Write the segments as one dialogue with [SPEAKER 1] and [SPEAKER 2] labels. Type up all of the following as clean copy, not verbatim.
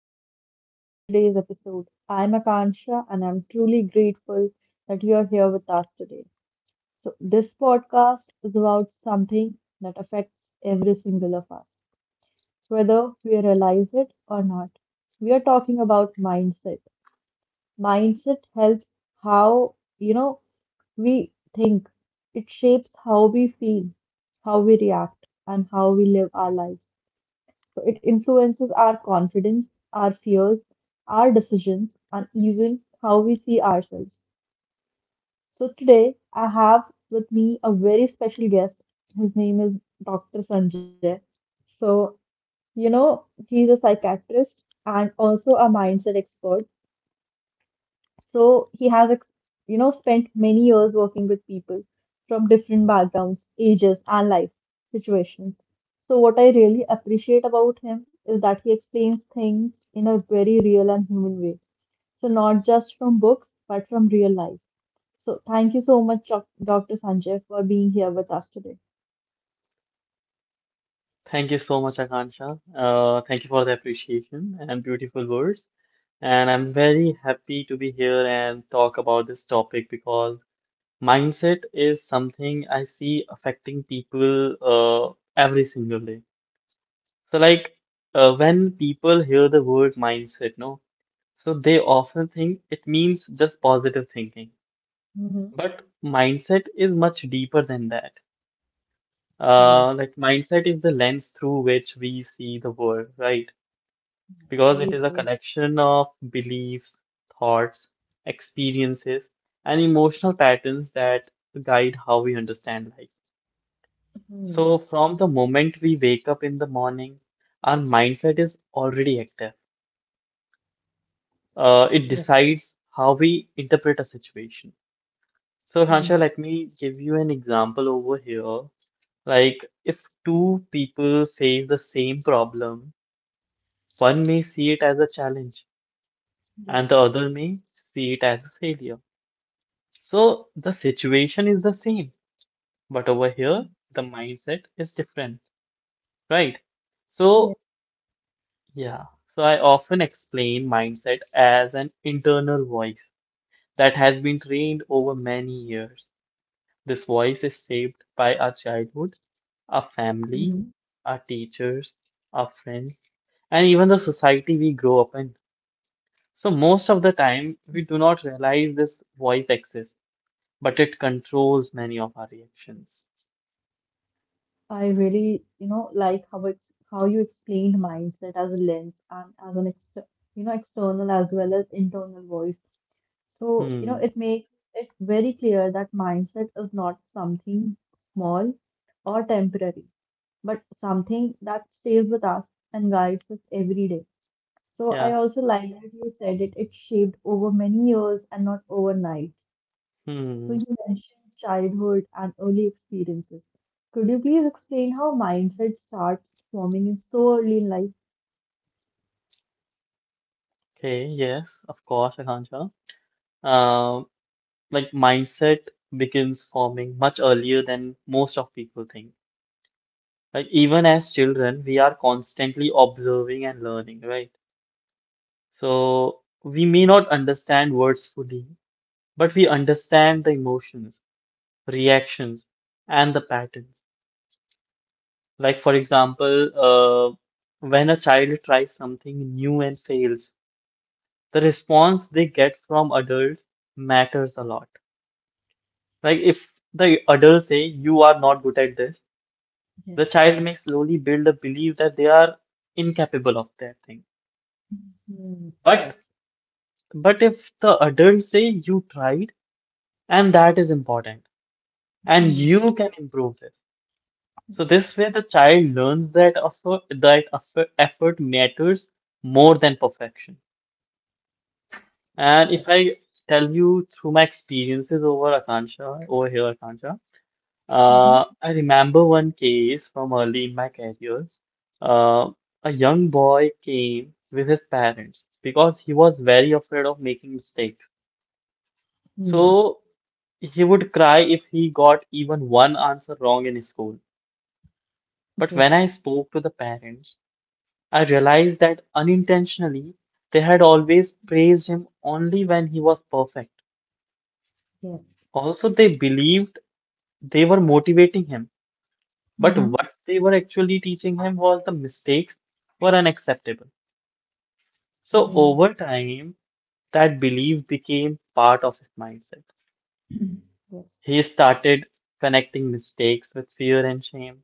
[SPEAKER 1] and welcome to today's episode. I'm Akansha, and I'm truly grateful that you're here with us today. So, this podcast is about something that affects every single of us, whether we realize it or not. We are talking about mindset. Mindset helps how we think, it shapes how we feel, how we react, and how we live our lives. So it influences our confidence, our fears, our decisions, and even how we see ourselves. So today I have with me a very special guest. His name is Dr. Sanjay. So, he's a psychiatrist and also a mindset expert, so he has spent many years working with people from different backgrounds, ages, and life situations. So what I really appreciate about him is that he explains things in a very real and human way. So not just from books, but from real life. So thank you so much, Dr. Sanjay, for being here with us today.
[SPEAKER 2] Thank you so much, Akansha. Thank you for the appreciation and beautiful words. And I'm very happy to be here and talk about this topic because mindset is something I see affecting people every single day. So, like, when people hear the word mindset, no, so they often think it means just positive thinking.
[SPEAKER 1] Mm-hmm.
[SPEAKER 2] But mindset is much deeper than that.
[SPEAKER 1] Yes.
[SPEAKER 2] Mindset is the lens through which we see the world, right?
[SPEAKER 1] Yes.
[SPEAKER 2] Because it
[SPEAKER 1] Very
[SPEAKER 2] is a
[SPEAKER 1] true.
[SPEAKER 2] collection of beliefs, thoughts, experiences, and emotional patterns that guide how we understand life. So,
[SPEAKER 1] Hmm.
[SPEAKER 2] from the moment we wake up in the morning, our mindset is already active. It
[SPEAKER 1] Yes.
[SPEAKER 2] decides how we interpret a situation. So, Hansha,
[SPEAKER 1] Hmm.
[SPEAKER 2] let me give you an example over here. Like, if two people face the same problem, one may see it as a challenge, and the
[SPEAKER 1] Yes.
[SPEAKER 2] other may see it as a failure. So the situation is the same, but over here the mindset is different, right? So,
[SPEAKER 1] Yes.
[SPEAKER 2] yeah. So I often explain mindset as an internal voice that has been trained over many years. This voice is shaped by our childhood, our family,
[SPEAKER 1] Mm-hmm.
[SPEAKER 2] our teachers, our friends, and even the society we grow up in. So most of the time we do not realize this voice exists, but it controls many of our reactions.
[SPEAKER 1] I really, like how it's how you explained mindset as a lens and as an exter external as well as internal voice. So
[SPEAKER 2] Hmm.
[SPEAKER 1] it makes it very clear that mindset is not something small or temporary, but something that stays with us and guides us every day. So I
[SPEAKER 2] Yeah.
[SPEAKER 1] also like that you said it shaped over many years and not overnight. So
[SPEAKER 2] Hmm.
[SPEAKER 1] you mentioned childhood and early experiences. Could you please explain how mindset starts forming in so early in life?
[SPEAKER 2] Okay. Yes, of course, Akansha. Uh, like mindset begins forming much earlier than most of people think. Like even as children, we are constantly observing and learning, right? So we may not understand words fully, but we understand the emotions, reactions, and the patterns. Like for example, when a child tries something new and fails. The response they get from adults matters a lot. Like if the adult say you are not good at this,
[SPEAKER 1] Yeah.
[SPEAKER 2] the child may slowly build a belief that they are incapable of that thing.
[SPEAKER 1] Hmm. Yes.
[SPEAKER 2] But but if the adults say you tried and that is important and
[SPEAKER 1] Hmm.
[SPEAKER 2] you can improve this. So
[SPEAKER 1] Yes.
[SPEAKER 2] this way the child learns that effort, effort matters more than perfection. And
[SPEAKER 1] Yes.
[SPEAKER 2] if I tell you through my experiences over Akansha, over here Akansha,
[SPEAKER 1] Mm-hmm.
[SPEAKER 2] I remember one case from early in my career. Uh, a young boy came with his parents because he was very afraid of making mistakes.
[SPEAKER 1] Hmm.
[SPEAKER 2] So he would cry if he got even one answer wrong in school. But
[SPEAKER 1] Yes.
[SPEAKER 2] when I spoke to the parents, I realized that unintentionally they had always praised him only when he was perfect.
[SPEAKER 1] Yes.
[SPEAKER 2] Also, they believed they were motivating him, but
[SPEAKER 1] Mm-hmm.
[SPEAKER 2] what they were actually teaching him was the mistakes were unacceptable.
[SPEAKER 1] Hmm.
[SPEAKER 2] So over time, that belief became part of his mindset.
[SPEAKER 1] Yes.
[SPEAKER 2] He started connecting mistakes with fear and shame.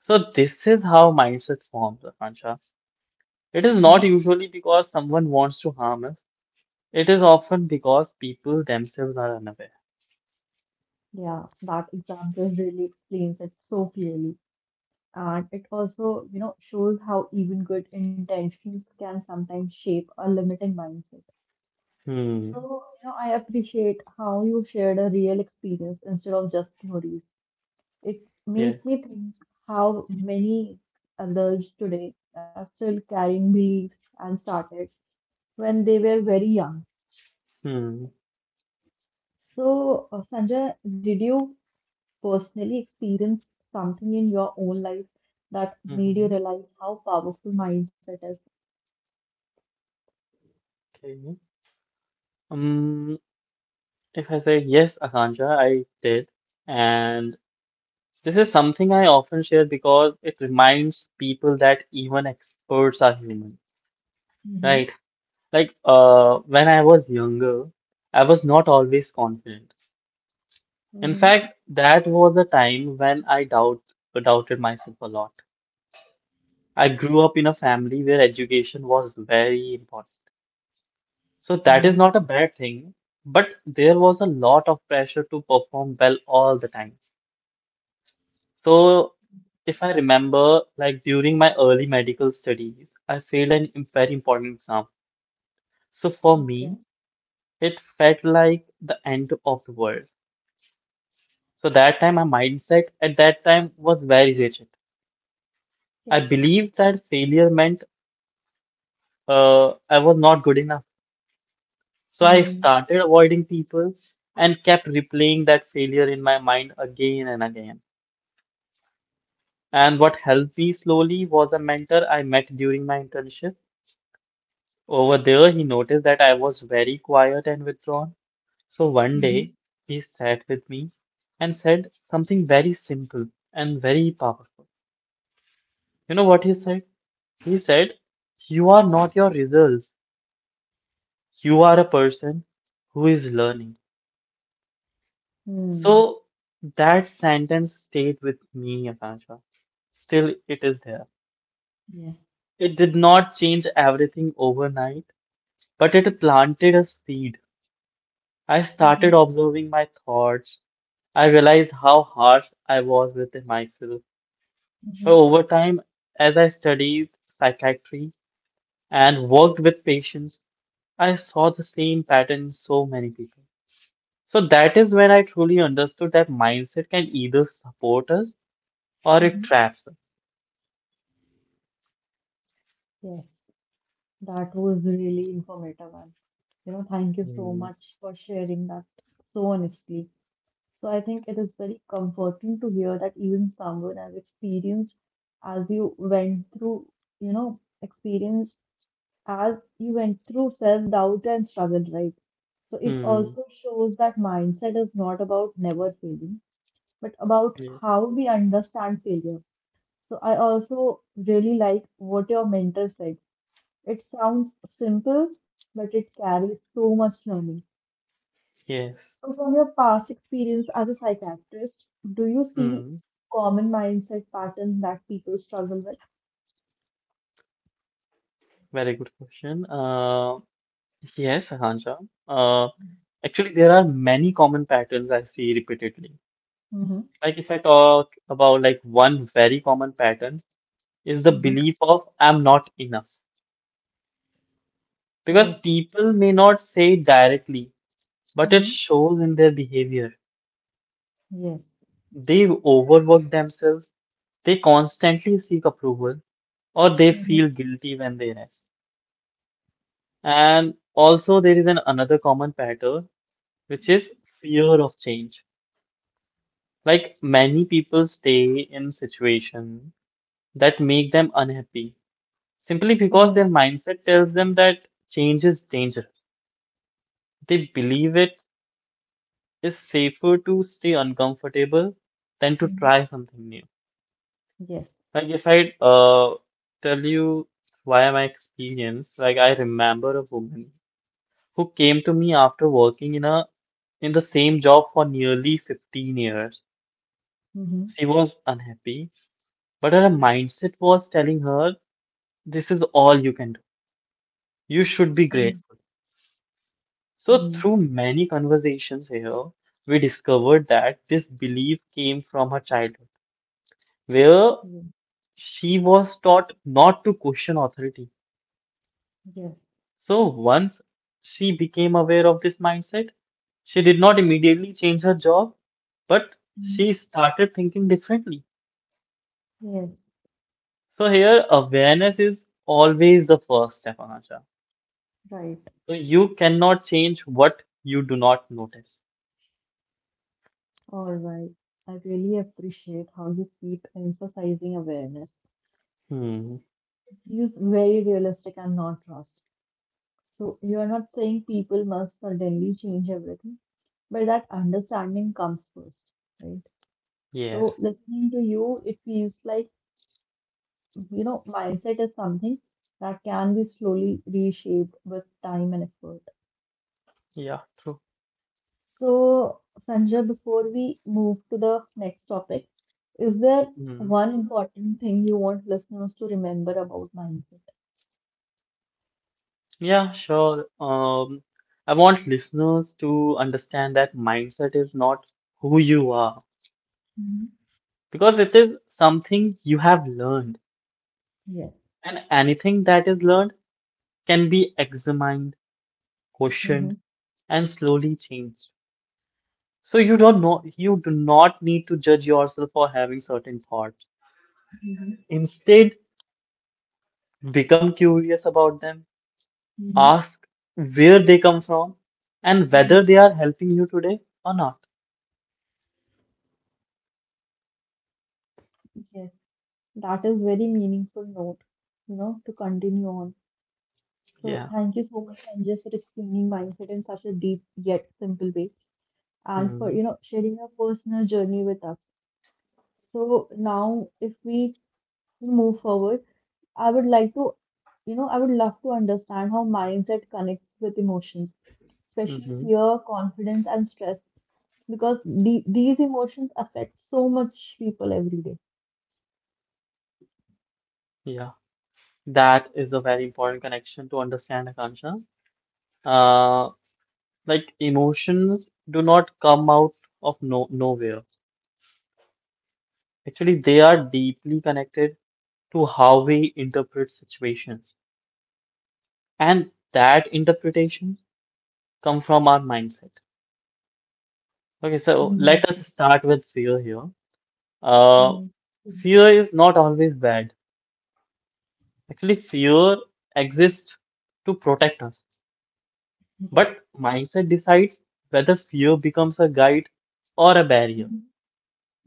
[SPEAKER 2] So this is how mindset forms, Akansha. It
[SPEAKER 1] Mm-hmm.
[SPEAKER 2] is not usually because someone wants to harm us. It is often because people themselves are unaware.
[SPEAKER 1] Yeah, that example really explains it so clearly. And it also, shows how even good intentions can sometimes shape a limiting mindset.
[SPEAKER 2] Hmm.
[SPEAKER 1] So I appreciate how you shared a real experience instead of just theories. It
[SPEAKER 2] Yes.
[SPEAKER 1] made me think how many adults today are still carrying beliefs and started when they were very young.
[SPEAKER 2] Hmm.
[SPEAKER 1] So, Sanjay, did you personally experience something in your own life that made you
[SPEAKER 2] Mm-hmm.
[SPEAKER 1] realize how powerful mindset is?
[SPEAKER 2] Okay. Um, if I say yes, Akansha, I did. And this is something I often share because it reminds people that even experts are human,
[SPEAKER 1] Mhm.
[SPEAKER 2] right? Like when I was younger, I was not always confident. In
[SPEAKER 1] Mhm.
[SPEAKER 2] fact, that was a time when doubted myself a lot. I grew up in a family where education was very important. So that
[SPEAKER 1] Mm.
[SPEAKER 2] is not a bad thing, but there was a lot of pressure to perform well all the time. So, if I remember, like during my early medical studies, I failed very important exam. So, for
[SPEAKER 1] Okay.
[SPEAKER 2] me, it felt like the end of the world. So, that time, my mindset at that time was very rigid.
[SPEAKER 1] Yes.
[SPEAKER 2] I believed that failure meant I was not good enough. So, I
[SPEAKER 1] Mm.
[SPEAKER 2] started avoiding people and kept replaying that failure in my mind again and again. And what helped me slowly was a mentor I met during my internship. Over there, he noticed that I was very quiet and withdrawn. So one
[SPEAKER 1] Mhm.
[SPEAKER 2] day, he sat with me and said something very simple and very powerful. You know what he said? He said, "You are not your results. You are a person who is learning."
[SPEAKER 1] Mm.
[SPEAKER 2] So that sentence stayed with me, Akansha. Still, it is there.
[SPEAKER 1] Yes.
[SPEAKER 2] It did not change everything overnight, but it planted a seed. I started
[SPEAKER 1] Mhm.
[SPEAKER 2] observing my thoughts. I realized how harsh I was with myself.
[SPEAKER 1] Mhm.
[SPEAKER 2] So over time, as I studied psychiatry and worked with patients, I saw the same pattern in so many people. So that is when I truly understood that mindset can either support us or it
[SPEAKER 1] Mhm.
[SPEAKER 2] traps us.
[SPEAKER 1] Yes. That was really informative, and thank you so
[SPEAKER 2] Hmm.
[SPEAKER 1] much for sharing that so honestly. So I think it is very comforting to hear that even someone as experienced as you went through, you know, experience as you went through self-doubt and struggle, right? So it
[SPEAKER 2] Hmm.
[SPEAKER 1] also shows that mindset is not about never failing, but about
[SPEAKER 2] Yes.
[SPEAKER 1] how we understand failure. So I also really like what your mentor said. It sounds simple, but it carries so much learning.
[SPEAKER 2] Yes.
[SPEAKER 1] So, from your past experience as a psychiatrist, do you see
[SPEAKER 2] Hmm.
[SPEAKER 1] common mindset patterns that people struggle with?
[SPEAKER 2] Very good question. Yes, Hanja. Uh, Actually, there are many common patterns I see repeatedly.
[SPEAKER 1] Mm-hmm.
[SPEAKER 2] Like if I talk about like one very common pattern is the
[SPEAKER 1] Mm-hmm.
[SPEAKER 2] belief of "I'm not enough." Because
[SPEAKER 1] Oh,
[SPEAKER 2] people may not say it directly, but it
[SPEAKER 1] mm-hmm,
[SPEAKER 2] shows in their behavior.
[SPEAKER 1] yes.
[SPEAKER 2] They overwork themselves, they constantly seek approval, or they
[SPEAKER 1] Mm-hmm.
[SPEAKER 2] feel guilty when they rest. And also there is an another common pattern which is fear of change. Like many people stay in situation that make them unhappy simply
[SPEAKER 1] Mm,
[SPEAKER 2] because their mindset tells them that change is dangerous. They believe it is safer to stay uncomfortable than to
[SPEAKER 1] mm-hmm,
[SPEAKER 2] try something new.
[SPEAKER 1] yes.
[SPEAKER 2] Like if I tell you via my experience, like I remember a woman who came to me after working in the same job for nearly 15 years.
[SPEAKER 1] Mm-hmm.
[SPEAKER 2] She was unhappy, but her mindset was telling her, "This is all you can do. You should be grateful." So,
[SPEAKER 1] Mm-hmm.
[SPEAKER 2] through many conversations here, we discovered that this belief came from her childhood, where
[SPEAKER 1] Yes.
[SPEAKER 2] she was taught not to question authority.
[SPEAKER 1] Yeah. Yes.
[SPEAKER 2] So, once she became aware of this mindset, she did not immediately change her job, but she started thinking differently.
[SPEAKER 1] Yes.
[SPEAKER 2] So, here, awareness is always the first step, Anasha.
[SPEAKER 1] Right.
[SPEAKER 2] So, you cannot change what you do not notice.
[SPEAKER 1] All right. I really appreciate how you keep emphasizing awareness.
[SPEAKER 2] Hmm.
[SPEAKER 1] It feels very realistic and not rushed. So you are not saying people must suddenly change everything, but that understanding comes first, right? So
[SPEAKER 2] Yes.
[SPEAKER 1] listening to you, it feels like, mindset is something that can be slowly reshaped with time and effort.
[SPEAKER 2] Yeah, true.
[SPEAKER 1] So, Sanjay, before we move to the next topic, is there
[SPEAKER 2] Hmm.
[SPEAKER 1] one important thing you want listeners to remember about mindset?
[SPEAKER 2] Yeah, sure. I want listeners to understand that mindset is not who you are
[SPEAKER 1] Mhm.
[SPEAKER 2] because it is something you have learned,
[SPEAKER 1] Yes.
[SPEAKER 2] and anything that is learned can be examined,
[SPEAKER 1] Hmm.
[SPEAKER 2] questioned, and slowly changed. So you don't know, you do not need to judge yourself for having certain thoughts.
[SPEAKER 1] Mhm.
[SPEAKER 2] Instead, become curious about them,
[SPEAKER 1] Hmm.
[SPEAKER 2] ask where they come from, and whether
[SPEAKER 1] Hmm.
[SPEAKER 2] they are helping you today or not.
[SPEAKER 1] Yes, that is very meaningful note, to continue on. So thank
[SPEAKER 2] Yeah.
[SPEAKER 1] you so much, Sanjay, for explaining mindset in such a deep yet simple way, and for
[SPEAKER 2] Hmm.
[SPEAKER 1] sharing your personal journey with us. So now, if we move forward, I would like to, I would love to understand how mindset connects with emotions, especially fear, confidence, and stress, because these emotions affect so much people every day.
[SPEAKER 2] Yeah, that is a very important connection to understand, Akansha. Uh, like emotions do not come out of no nowhere. Actually, they are deeply connected to how we interpret situations, and that interpretation comes from our mindset. Okay, so let us
[SPEAKER 1] Mhm.
[SPEAKER 2] start with fear here. Uh,
[SPEAKER 1] Mm.
[SPEAKER 2] Fear
[SPEAKER 1] Mm.
[SPEAKER 2] is not always bad. Actually, fear exists to protect us. But
[SPEAKER 1] Yes.
[SPEAKER 2] mindset decides whether fear becomes a guide or a barrier.
[SPEAKER 1] Mhm.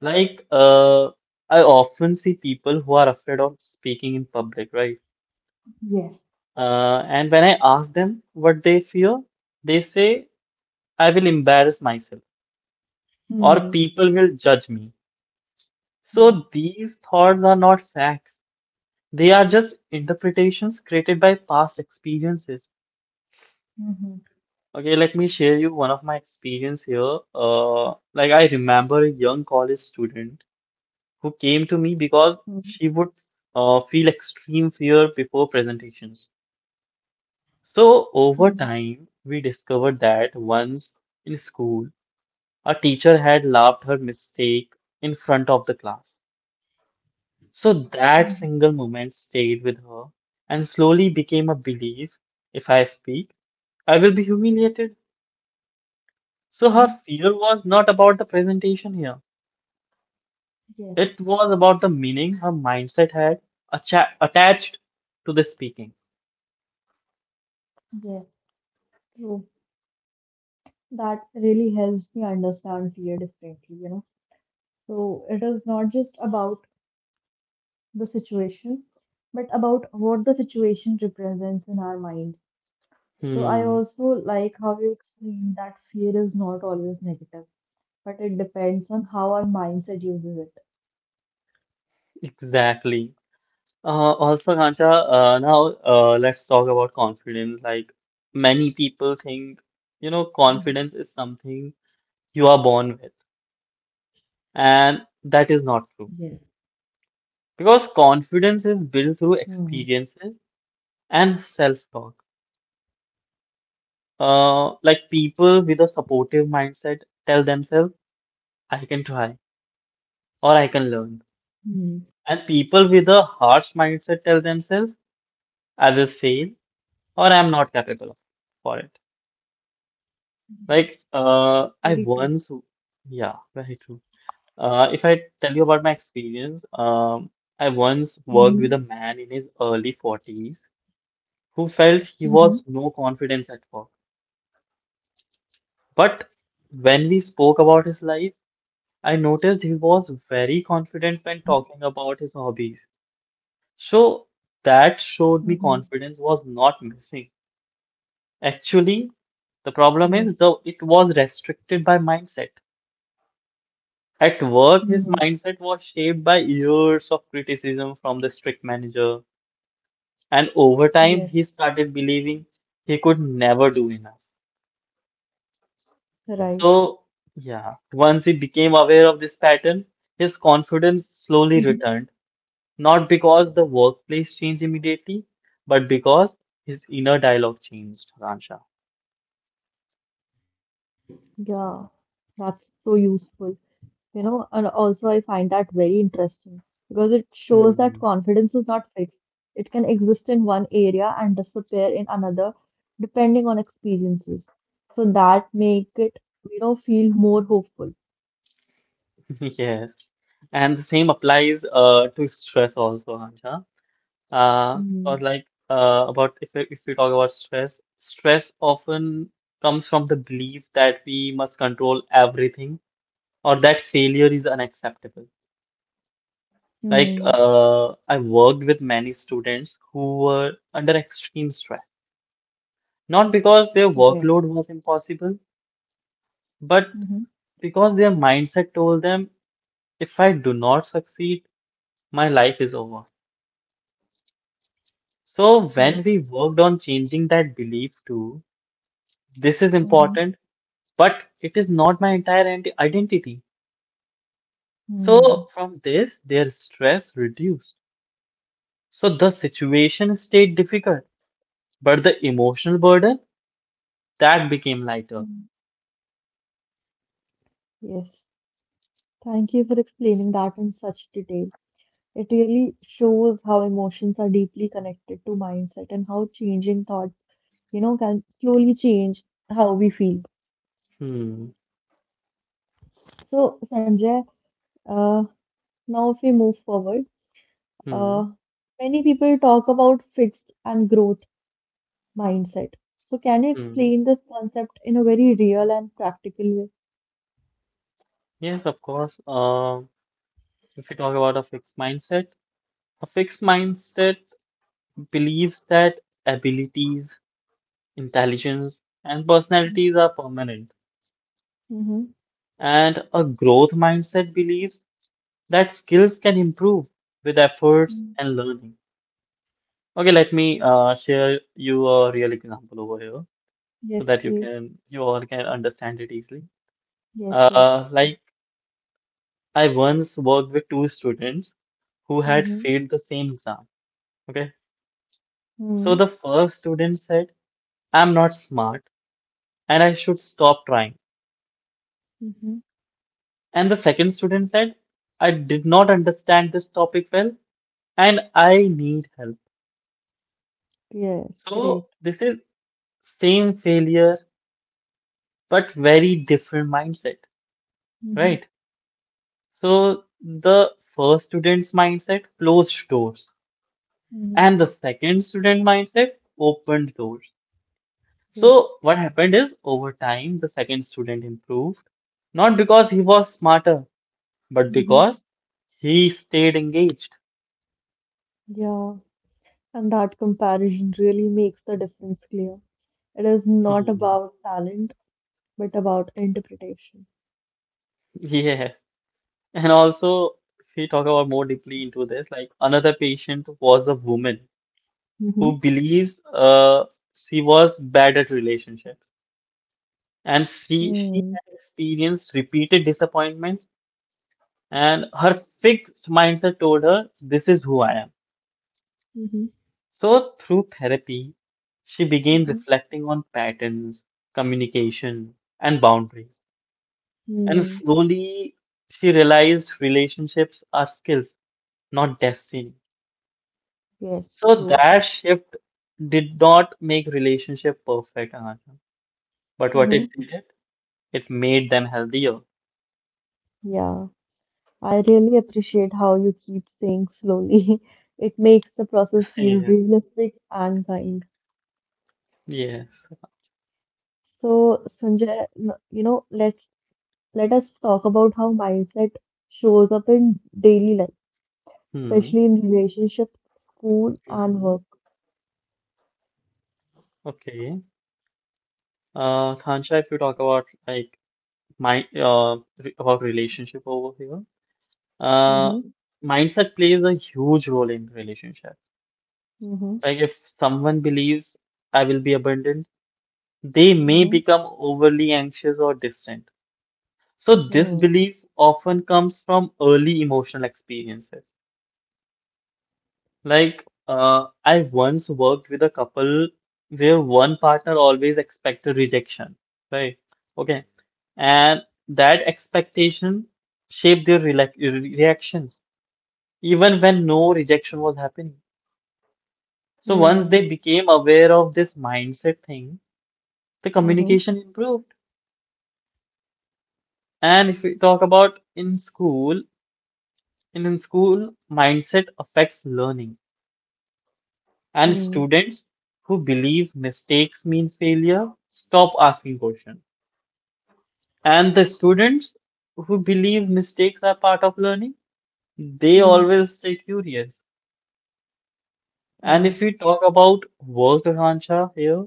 [SPEAKER 1] Mhm.
[SPEAKER 2] Like, uh, I often see people who are afraid of speaking in public, right?
[SPEAKER 1] Yes.
[SPEAKER 2] And when I ask them what they fear, they say, "I will embarrass myself or people will
[SPEAKER 1] Mm.
[SPEAKER 2] judge me." So these
[SPEAKER 1] Yes.
[SPEAKER 2] thoughts are not facts. They are just interpretations created by past experiences.
[SPEAKER 1] Mhm.
[SPEAKER 2] Okay, let me share you one of my experience here. Like I remember a young college student who came to me because she would
[SPEAKER 1] Mhm.
[SPEAKER 2] feel extreme fear before presentations. So, over time, we
[SPEAKER 1] Mhm.
[SPEAKER 2] discovered that once in school, a teacher had laughed her mistake in front of the class. So, that single moment stayed
[SPEAKER 1] Mhm.
[SPEAKER 2] with her and slowly became a belief: if I speak, I will be humiliated. So, her fear was
[SPEAKER 1] Mhm.
[SPEAKER 2] not about the presentation here, it was about the
[SPEAKER 1] Yes.
[SPEAKER 2] meaning her mindset had attached to the speaking.
[SPEAKER 1] Yes. True. That really helps me understand fear differently, you know. So it is not just about the situation, but about what the situation represents in our mind. So I
[SPEAKER 2] Hmm,
[SPEAKER 1] also like how you explained that fear is not always negative, but it depends on how our mindset uses it.
[SPEAKER 2] exactly. Also, Kancha, now let's talk about confidence. Like many people think,
[SPEAKER 1] Mhm.
[SPEAKER 2] you know, confidence is something you are born with, and that is
[SPEAKER 1] Yes.
[SPEAKER 2] not true. Because confidence is built
[SPEAKER 1] Hmm.
[SPEAKER 2] through experiences and self-talk. Like people with a supportive mindset tell themselves, "I can try or I can learn."
[SPEAKER 1] Mhm.
[SPEAKER 2] And people with a harsh mindset tell themselves, "I will fail or I'm not capable of for it."
[SPEAKER 1] Yes.
[SPEAKER 2] Like, uh, I
[SPEAKER 1] Very
[SPEAKER 2] once,
[SPEAKER 1] true.
[SPEAKER 2] yeah, very true. If I tell you about my experience, I once worked with a man
[SPEAKER 1] Mm-hmm.
[SPEAKER 2] in his early 40s who felt he was no
[SPEAKER 1] Mm-hmm.
[SPEAKER 2] confidence at work. But when we spoke about his life, I noticed he was very
[SPEAKER 1] Mm-hmm.
[SPEAKER 2] confident when talking about his hobbies. So that
[SPEAKER 1] Mm-hmm.
[SPEAKER 2] showed me confidence was not missing. Actually, the
[SPEAKER 1] Yes.
[SPEAKER 2] problem is though it was restricted by mindset. At work, his
[SPEAKER 1] Mm-hmm. Mm-hmm.
[SPEAKER 2] mindset was shaped by years of criticism from the strict manager, and over time, he
[SPEAKER 1] Yes.
[SPEAKER 2] started believing he could never do enough.
[SPEAKER 1] Right.
[SPEAKER 2] So, yeah, once he became aware of this pattern, his confidence slowly returned,
[SPEAKER 1] Mm-hmm.
[SPEAKER 2] not because the workplace changed immediately, but because his inner dialogue changed, Ransha.
[SPEAKER 1] Yeah. That's so useful. And also I find that very interesting because it shows
[SPEAKER 2] Hmm.
[SPEAKER 1] that confidence is not fixed. It can exist in one area and disappear in another, depending on experiences. So that make it feel more hopeful.
[SPEAKER 2] Yes. And the same applies to stress also, Anja. Or like
[SPEAKER 1] Mm-hmm.
[SPEAKER 2] about if we talk about stress, stress often comes from the belief that we must control everything or that failure is unacceptable. Like
[SPEAKER 1] Hmm.
[SPEAKER 2] I worked with many students who were under extreme stress, not because their
[SPEAKER 1] Yes.
[SPEAKER 2] workload was impossible, but
[SPEAKER 1] Mm-hmm.
[SPEAKER 2] because their mindset told them, if I do not succeed, my life is over. So when we
[SPEAKER 1] Yes.
[SPEAKER 2] worked on changing that belief to this is
[SPEAKER 1] Mm-hmm.
[SPEAKER 2] important but it is not my identity.
[SPEAKER 1] Hmm.
[SPEAKER 2] So from this, their stress reduced. So the situation stayed difficult, but the emotional burden that became lighter.
[SPEAKER 1] Yes. Thank you for explaining that in such detail. It really shows how emotions are deeply connected to mindset and how changing thoughts, can slowly change how we feel.
[SPEAKER 2] Hmm.
[SPEAKER 1] So, Sanjay, uh, now if we move forward,
[SPEAKER 2] Hmm.
[SPEAKER 1] uh, many people talk about fixed and growth mindset. So, can you
[SPEAKER 2] Hmm.
[SPEAKER 1] explain this concept in a very real and practical way?
[SPEAKER 2] Yes, of course. If we talk about a fixed mindset believes that abilities, intelligence, and personalities are permanent,
[SPEAKER 1] Mm-hmm.
[SPEAKER 2] and a growth mindset believes that skills can improve with efforts and learning. Okay, let me share you a real example over here so
[SPEAKER 1] Yes,
[SPEAKER 2] that you
[SPEAKER 1] please.
[SPEAKER 2] can you all can understand it easily.
[SPEAKER 1] Yes, yes.
[SPEAKER 2] Like I once worked with two students who had
[SPEAKER 1] Mm-hmm.
[SPEAKER 2] failed the same exam. Okay, so
[SPEAKER 1] Mm-hmm.
[SPEAKER 2] the first student said, "I'm not smart and I should stop trying,"
[SPEAKER 1] Mm-hmm.
[SPEAKER 2] and the second student said, "I did not understand this topic well and I need help."
[SPEAKER 1] Yes,
[SPEAKER 2] So
[SPEAKER 1] great.
[SPEAKER 2] this is same failure but very different mindset,
[SPEAKER 1] Mm-hmm.
[SPEAKER 2] right? So the first student's mindset closed doors,
[SPEAKER 1] Mm-hmm.
[SPEAKER 2] and the second student mindset opened doors.
[SPEAKER 1] Yes.
[SPEAKER 2] So what happened is over time, the second student improved, not because he was smarter, but because he stayed engaged.
[SPEAKER 1] Yeah, and that comparison really makes the difference clear. It is not
[SPEAKER 2] Hmm.
[SPEAKER 1] about talent, but about interpretation.
[SPEAKER 2] Yes. And also, if we talk about more deeply into this, like another patient was a woman who
[SPEAKER 1] Mm-hmm.
[SPEAKER 2] believes she was bad at relationships, and
[SPEAKER 1] Mm,
[SPEAKER 2] she had experienced repeated disappointment, and her fixed mindset told her this is who I am.
[SPEAKER 1] mm-hmm,
[SPEAKER 2] So through therapy she began
[SPEAKER 1] mhm,
[SPEAKER 2] reflecting on patterns, communication, and boundaries, and
[SPEAKER 1] mm,
[SPEAKER 2] slowly she realized relationships are skills, not destiny.
[SPEAKER 1] yes,
[SPEAKER 2] So
[SPEAKER 1] true.
[SPEAKER 2] that shift did not make relationship perfect, Anusha, but what it
[SPEAKER 1] Mhm.
[SPEAKER 2] did, it made them healthier.
[SPEAKER 1] Yeah, I really appreciate how you keep saying slowly. It makes the process feel
[SPEAKER 2] Yes.
[SPEAKER 1] realistic and kind.
[SPEAKER 2] Yes.
[SPEAKER 1] So, Sanjay, let us talk about how mindset shows up in daily life,
[SPEAKER 2] Hmm.
[SPEAKER 1] especially in relationships, school, and
[SPEAKER 2] Mhm.
[SPEAKER 1] work.
[SPEAKER 2] Okay. Khansha, if you talk about like my uh re about relationship over here, uh,
[SPEAKER 1] Mm-hmm.
[SPEAKER 2] mindset plays a huge role in relationship.
[SPEAKER 1] Mm-hmm.
[SPEAKER 2] Like if someone believes I will be abandoned, they
[SPEAKER 1] Mm-hmm.
[SPEAKER 2] may become overly anxious or distant. So this
[SPEAKER 1] Hmm.
[SPEAKER 2] belief often comes from early emotional experiences. Like, I once worked with a couple where one partner always expected rejection, right? Okay. And that expectation shaped their reactions, even when no rejection was happening. So once they
[SPEAKER 1] Mm-hmm.
[SPEAKER 2] became aware of this mindset thing, the communication
[SPEAKER 1] Mm-hmm.
[SPEAKER 2] improved. And if we talk about in school, in school, mindset affects learning. And students
[SPEAKER 1] Hmm.
[SPEAKER 2] who believe mistakes mean failure stop asking questions. And the students who believe mistakes are part of learning, they always stay
[SPEAKER 1] Mm-hmm.
[SPEAKER 2] curious. And if we talk
[SPEAKER 1] Yeah.
[SPEAKER 2] about work, Akansha, here,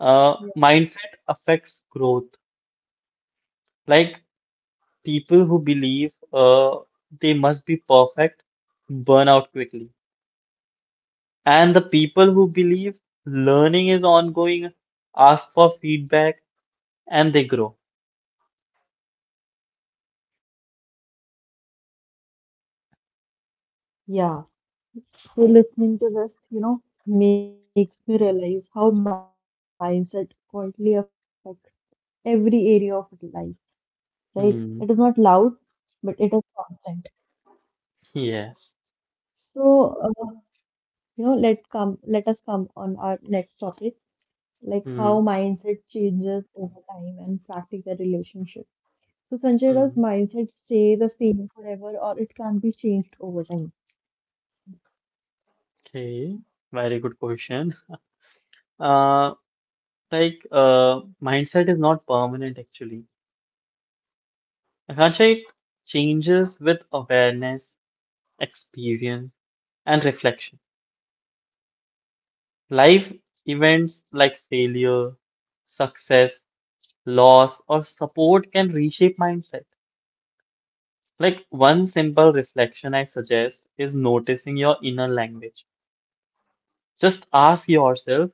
[SPEAKER 1] Yeah.
[SPEAKER 2] mindset affects growth. Like people who believe they must be perfect burn out quickly. And the people who believe learning is ongoing ask for feedback and they grow.
[SPEAKER 1] Yeah. So listening to this, makes me realize how mindset quietly affects every area of life, right? It is
[SPEAKER 2] Hmm.
[SPEAKER 1] not loud, but it is constant.
[SPEAKER 2] Yes.
[SPEAKER 1] So, let us come on our next topic, like how
[SPEAKER 2] Hmm.
[SPEAKER 1] mindset changes over time and practical relationships. So, Sanjay, does
[SPEAKER 2] Hmm.
[SPEAKER 1] mindset stay the same forever or it can be changed over time?
[SPEAKER 2] Okay. Very good question. Uh, mindset is not permanent actually. Akansha, it changes with awareness, experience, and reflection. Life events like failure, success, loss, or support can reshape mindset. Like, one simple reflection I suggest is noticing your inner language. Just ask yourself,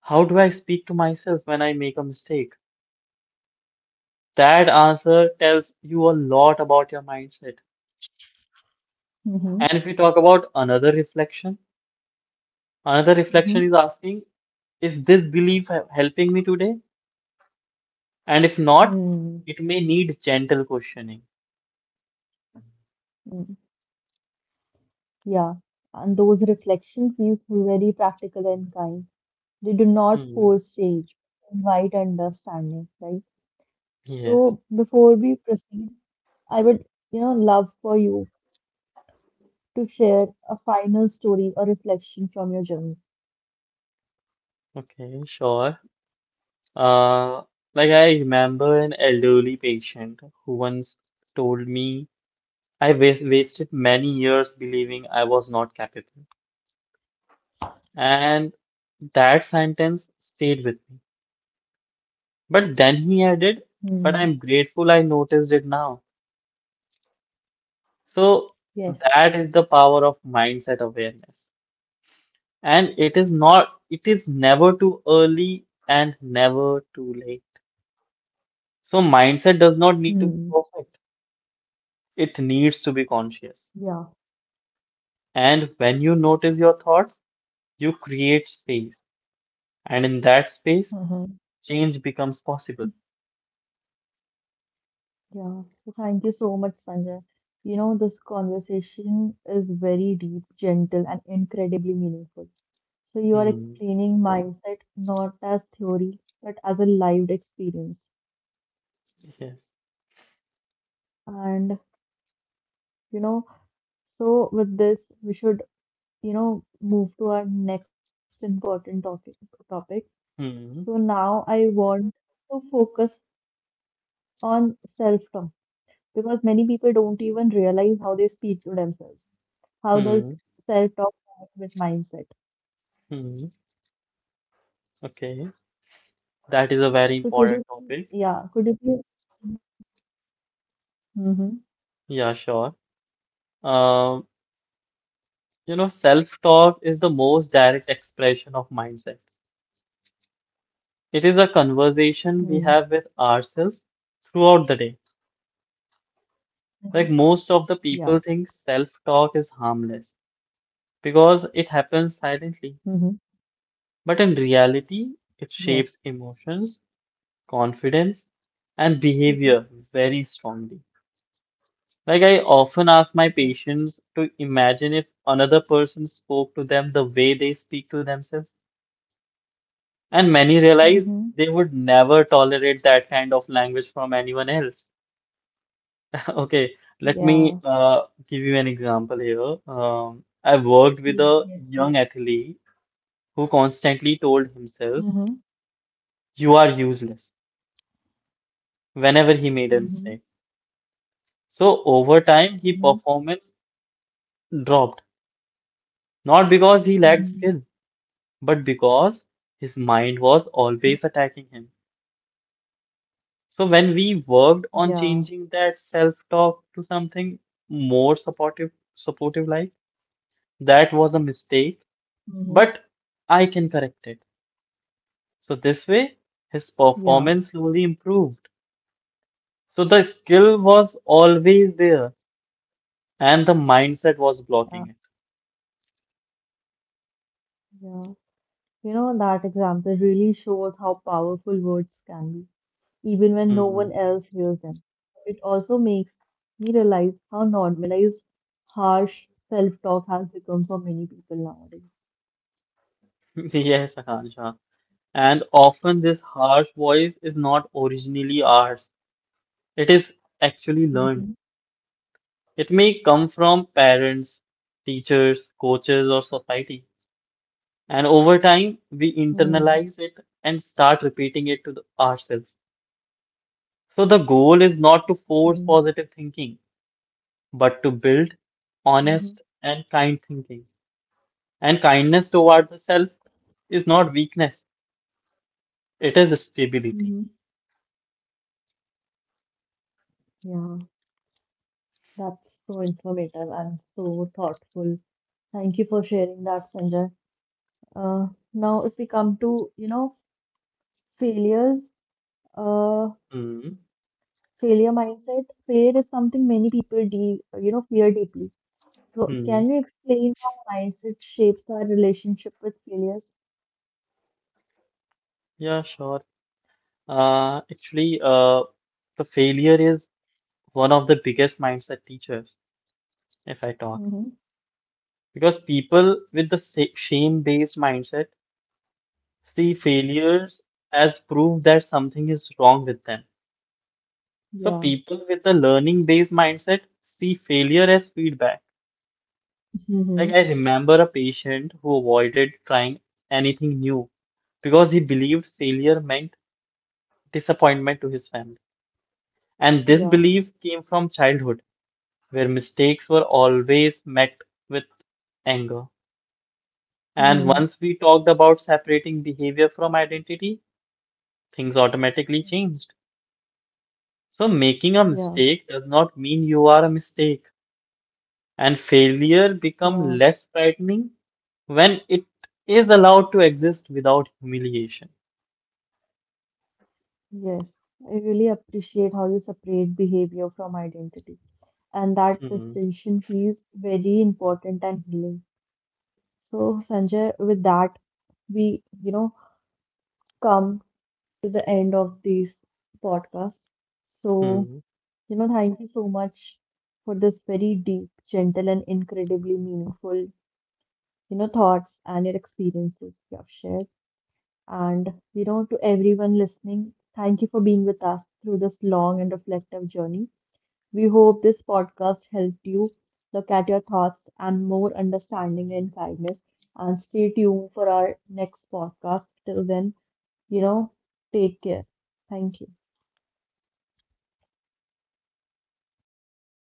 [SPEAKER 2] how do I speak to myself when I make a mistake? That answer tells you a lot about your mindset.
[SPEAKER 1] Mm-hmm.
[SPEAKER 2] And if we talk about another reflection
[SPEAKER 1] Mm-hmm.
[SPEAKER 2] is asking, is this helping me today? And if not,
[SPEAKER 1] Hmm.
[SPEAKER 2] it may need gentle questioning.
[SPEAKER 1] Mm. Yeah, and those reflection feels very practical and kind. They do not
[SPEAKER 2] Hmm.
[SPEAKER 1] force change, invite understanding, right?
[SPEAKER 2] Yes.
[SPEAKER 1] So before we proceed, I would, love for you to share a final story or reflection from your journey.
[SPEAKER 2] Okay, sure. Uh, like I remember an elderly patient who once told me I was wasted many years believing I was not capable. And that sentence stayed with me. But then he
[SPEAKER 1] Hmm.
[SPEAKER 2] added, but I'm grateful I noticed it now.
[SPEAKER 1] Yes.
[SPEAKER 2] So that is the power of mindset awareness. And it is never too early and never too late. So mindset
[SPEAKER 1] Hmm.
[SPEAKER 2] does not need to be perfect, it needs to be
[SPEAKER 1] Yeah.
[SPEAKER 2] conscious. And when you notice your thoughts, you create space. And in that space, change becomes possible.
[SPEAKER 1] Yeah, so thank you so much, Sanjay. This conversation is very deep, gentle, and incredibly meaningful. So you are
[SPEAKER 2] Hmm.
[SPEAKER 1] explaining mindset not as theory, but as a lived experience.
[SPEAKER 2] Yes.
[SPEAKER 1] And, you know, so with this, we should, move to our next important topic. So
[SPEAKER 2] Hmm.
[SPEAKER 1] now I want to focus on self-talk because many people don't even realize how they speak to themselves.
[SPEAKER 2] Hmm.
[SPEAKER 1] How does self-talk connect with mindset?
[SPEAKER 2] Hmm. Okay.
[SPEAKER 1] So
[SPEAKER 2] That is
[SPEAKER 1] could
[SPEAKER 2] a
[SPEAKER 1] you
[SPEAKER 2] very
[SPEAKER 1] please,
[SPEAKER 2] important
[SPEAKER 1] yeah,
[SPEAKER 2] topic.
[SPEAKER 1] could you please? Mm-hmm.
[SPEAKER 2] Yeah, sure. Um, you know, self-talk is the most direct expression of mindset. It is a
[SPEAKER 1] Mm-hmm.
[SPEAKER 2] conversation we have with ourselves throughout the day. Like most of
[SPEAKER 1] Yeah.
[SPEAKER 2] the people think self-talk is harmless because it happens silently.
[SPEAKER 1] Mm-hmm.
[SPEAKER 2] But in reality, it
[SPEAKER 1] Yes.
[SPEAKER 2] shapes emotions, confidence, and
[SPEAKER 1] Mm-hmm.
[SPEAKER 2] behavior very strongly. Like I often ask my
[SPEAKER 1] Yes.
[SPEAKER 2] patients to imagine if another person spoke to them the way they speak to themselves. And many realized
[SPEAKER 1] Mm-hmm.
[SPEAKER 2] they would never tolerate that kind of language from anyone else. Okay, let me
[SPEAKER 1] Yeah.
[SPEAKER 2] give you an example here. I worked with
[SPEAKER 1] Yes,
[SPEAKER 2] a
[SPEAKER 1] yes,
[SPEAKER 2] young
[SPEAKER 1] please.
[SPEAKER 2] athlete who constantly told
[SPEAKER 1] Mm-hmm.
[SPEAKER 2] himself, "You are useless," whenever he
[SPEAKER 1] Mm-hmm.
[SPEAKER 2] made a mistake. So over time,
[SPEAKER 1] Mm-hmm.
[SPEAKER 2] his performance dropped, not because he lacked
[SPEAKER 1] Mm-hmm.
[SPEAKER 2] skill, but because his
[SPEAKER 1] Mm-hmm.
[SPEAKER 2] mind was always attacking him. So when we
[SPEAKER 1] Yeah.
[SPEAKER 2] worked on changing that self-talk to something supportive, like, that was a mistake,
[SPEAKER 1] Mm-hmm.
[SPEAKER 2] but I can correct it. So this way, his
[SPEAKER 1] Yeah.
[SPEAKER 2] performance slowly improved. So the skill was always there, and the mindset was
[SPEAKER 1] Yeah.
[SPEAKER 2] blocking it.
[SPEAKER 1] Yeah. That example really shows how powerful words can be, even when no
[SPEAKER 2] Hmm.
[SPEAKER 1] one else hears them. It also makes me realize how normalized harsh self talk has become for many people nowadays.
[SPEAKER 2] Yes, Akansha. And often this harsh voice is not originally ours. It is actually
[SPEAKER 1] Hmm.
[SPEAKER 2] learned. It may come from parents, teachers, coaches, or society. And over time, we
[SPEAKER 1] Hmm.
[SPEAKER 2] internalize it and start repeating it ourselves. So the goal is not
[SPEAKER 1] Hmm.
[SPEAKER 2] to force positive thinking, but to build
[SPEAKER 1] Hmm.
[SPEAKER 2] honest and kind thinking. And kindness towards the self is not weakness, it is
[SPEAKER 1] Hmm.
[SPEAKER 2] stability.
[SPEAKER 1] Yeah, that's so informative and so thoughtful. Thank you for sharing that, Sanjay. Uh, now, if we come to, failures, uh,
[SPEAKER 2] Hmm.
[SPEAKER 1] failure mindset, fear is something many people fear deeply. So,
[SPEAKER 2] Hmm.
[SPEAKER 1] can you explain how mindset shapes our relationship with failures?
[SPEAKER 2] Yeah, sure. Uh, actually, uh, the failure is one of the biggest mindset teachers, if I talk.
[SPEAKER 1] Mm-hmm.
[SPEAKER 2] Because people with the shame based mindset see failures as proof that something is wrong with them. So
[SPEAKER 1] Yeah.
[SPEAKER 2] people with the learning based mindset see failure as feedback. Like I
[SPEAKER 1] Mm-hmm.
[SPEAKER 2] remember a patient who avoided trying anything new because he believed failure meant disappointment to his family. And this belief
[SPEAKER 1] Yeah.
[SPEAKER 2] came from childhood, where mistakes were always met with anger. And once we
[SPEAKER 1] Hmm.
[SPEAKER 2] talked about separating behavior from identity, things automatically changed. So making
[SPEAKER 1] Yeah.
[SPEAKER 2] a mistake does not mean you are a mistake, and failure
[SPEAKER 1] Yeah.
[SPEAKER 2] become less frightening when it is allowed to exist without humiliation.
[SPEAKER 1] Yes. I really appreciate how you separate behavior from identity. And that
[SPEAKER 2] Hmm.
[SPEAKER 1] distinction feels very important and healing. So, Sanjay, with that, we, come to the end of this podcast. So,
[SPEAKER 2] Hmm.
[SPEAKER 1] you know, thank you so much for this very deep, gentle, and incredibly meaningful, thoughts and your experiences you have shared. And, to everyone listening, thank you for being with us through this long and reflective journey. We hope this podcast helped you look at your thoughts and more understanding and kindness. And stay tuned for our next podcast. Till then, you know, take care. Thank you.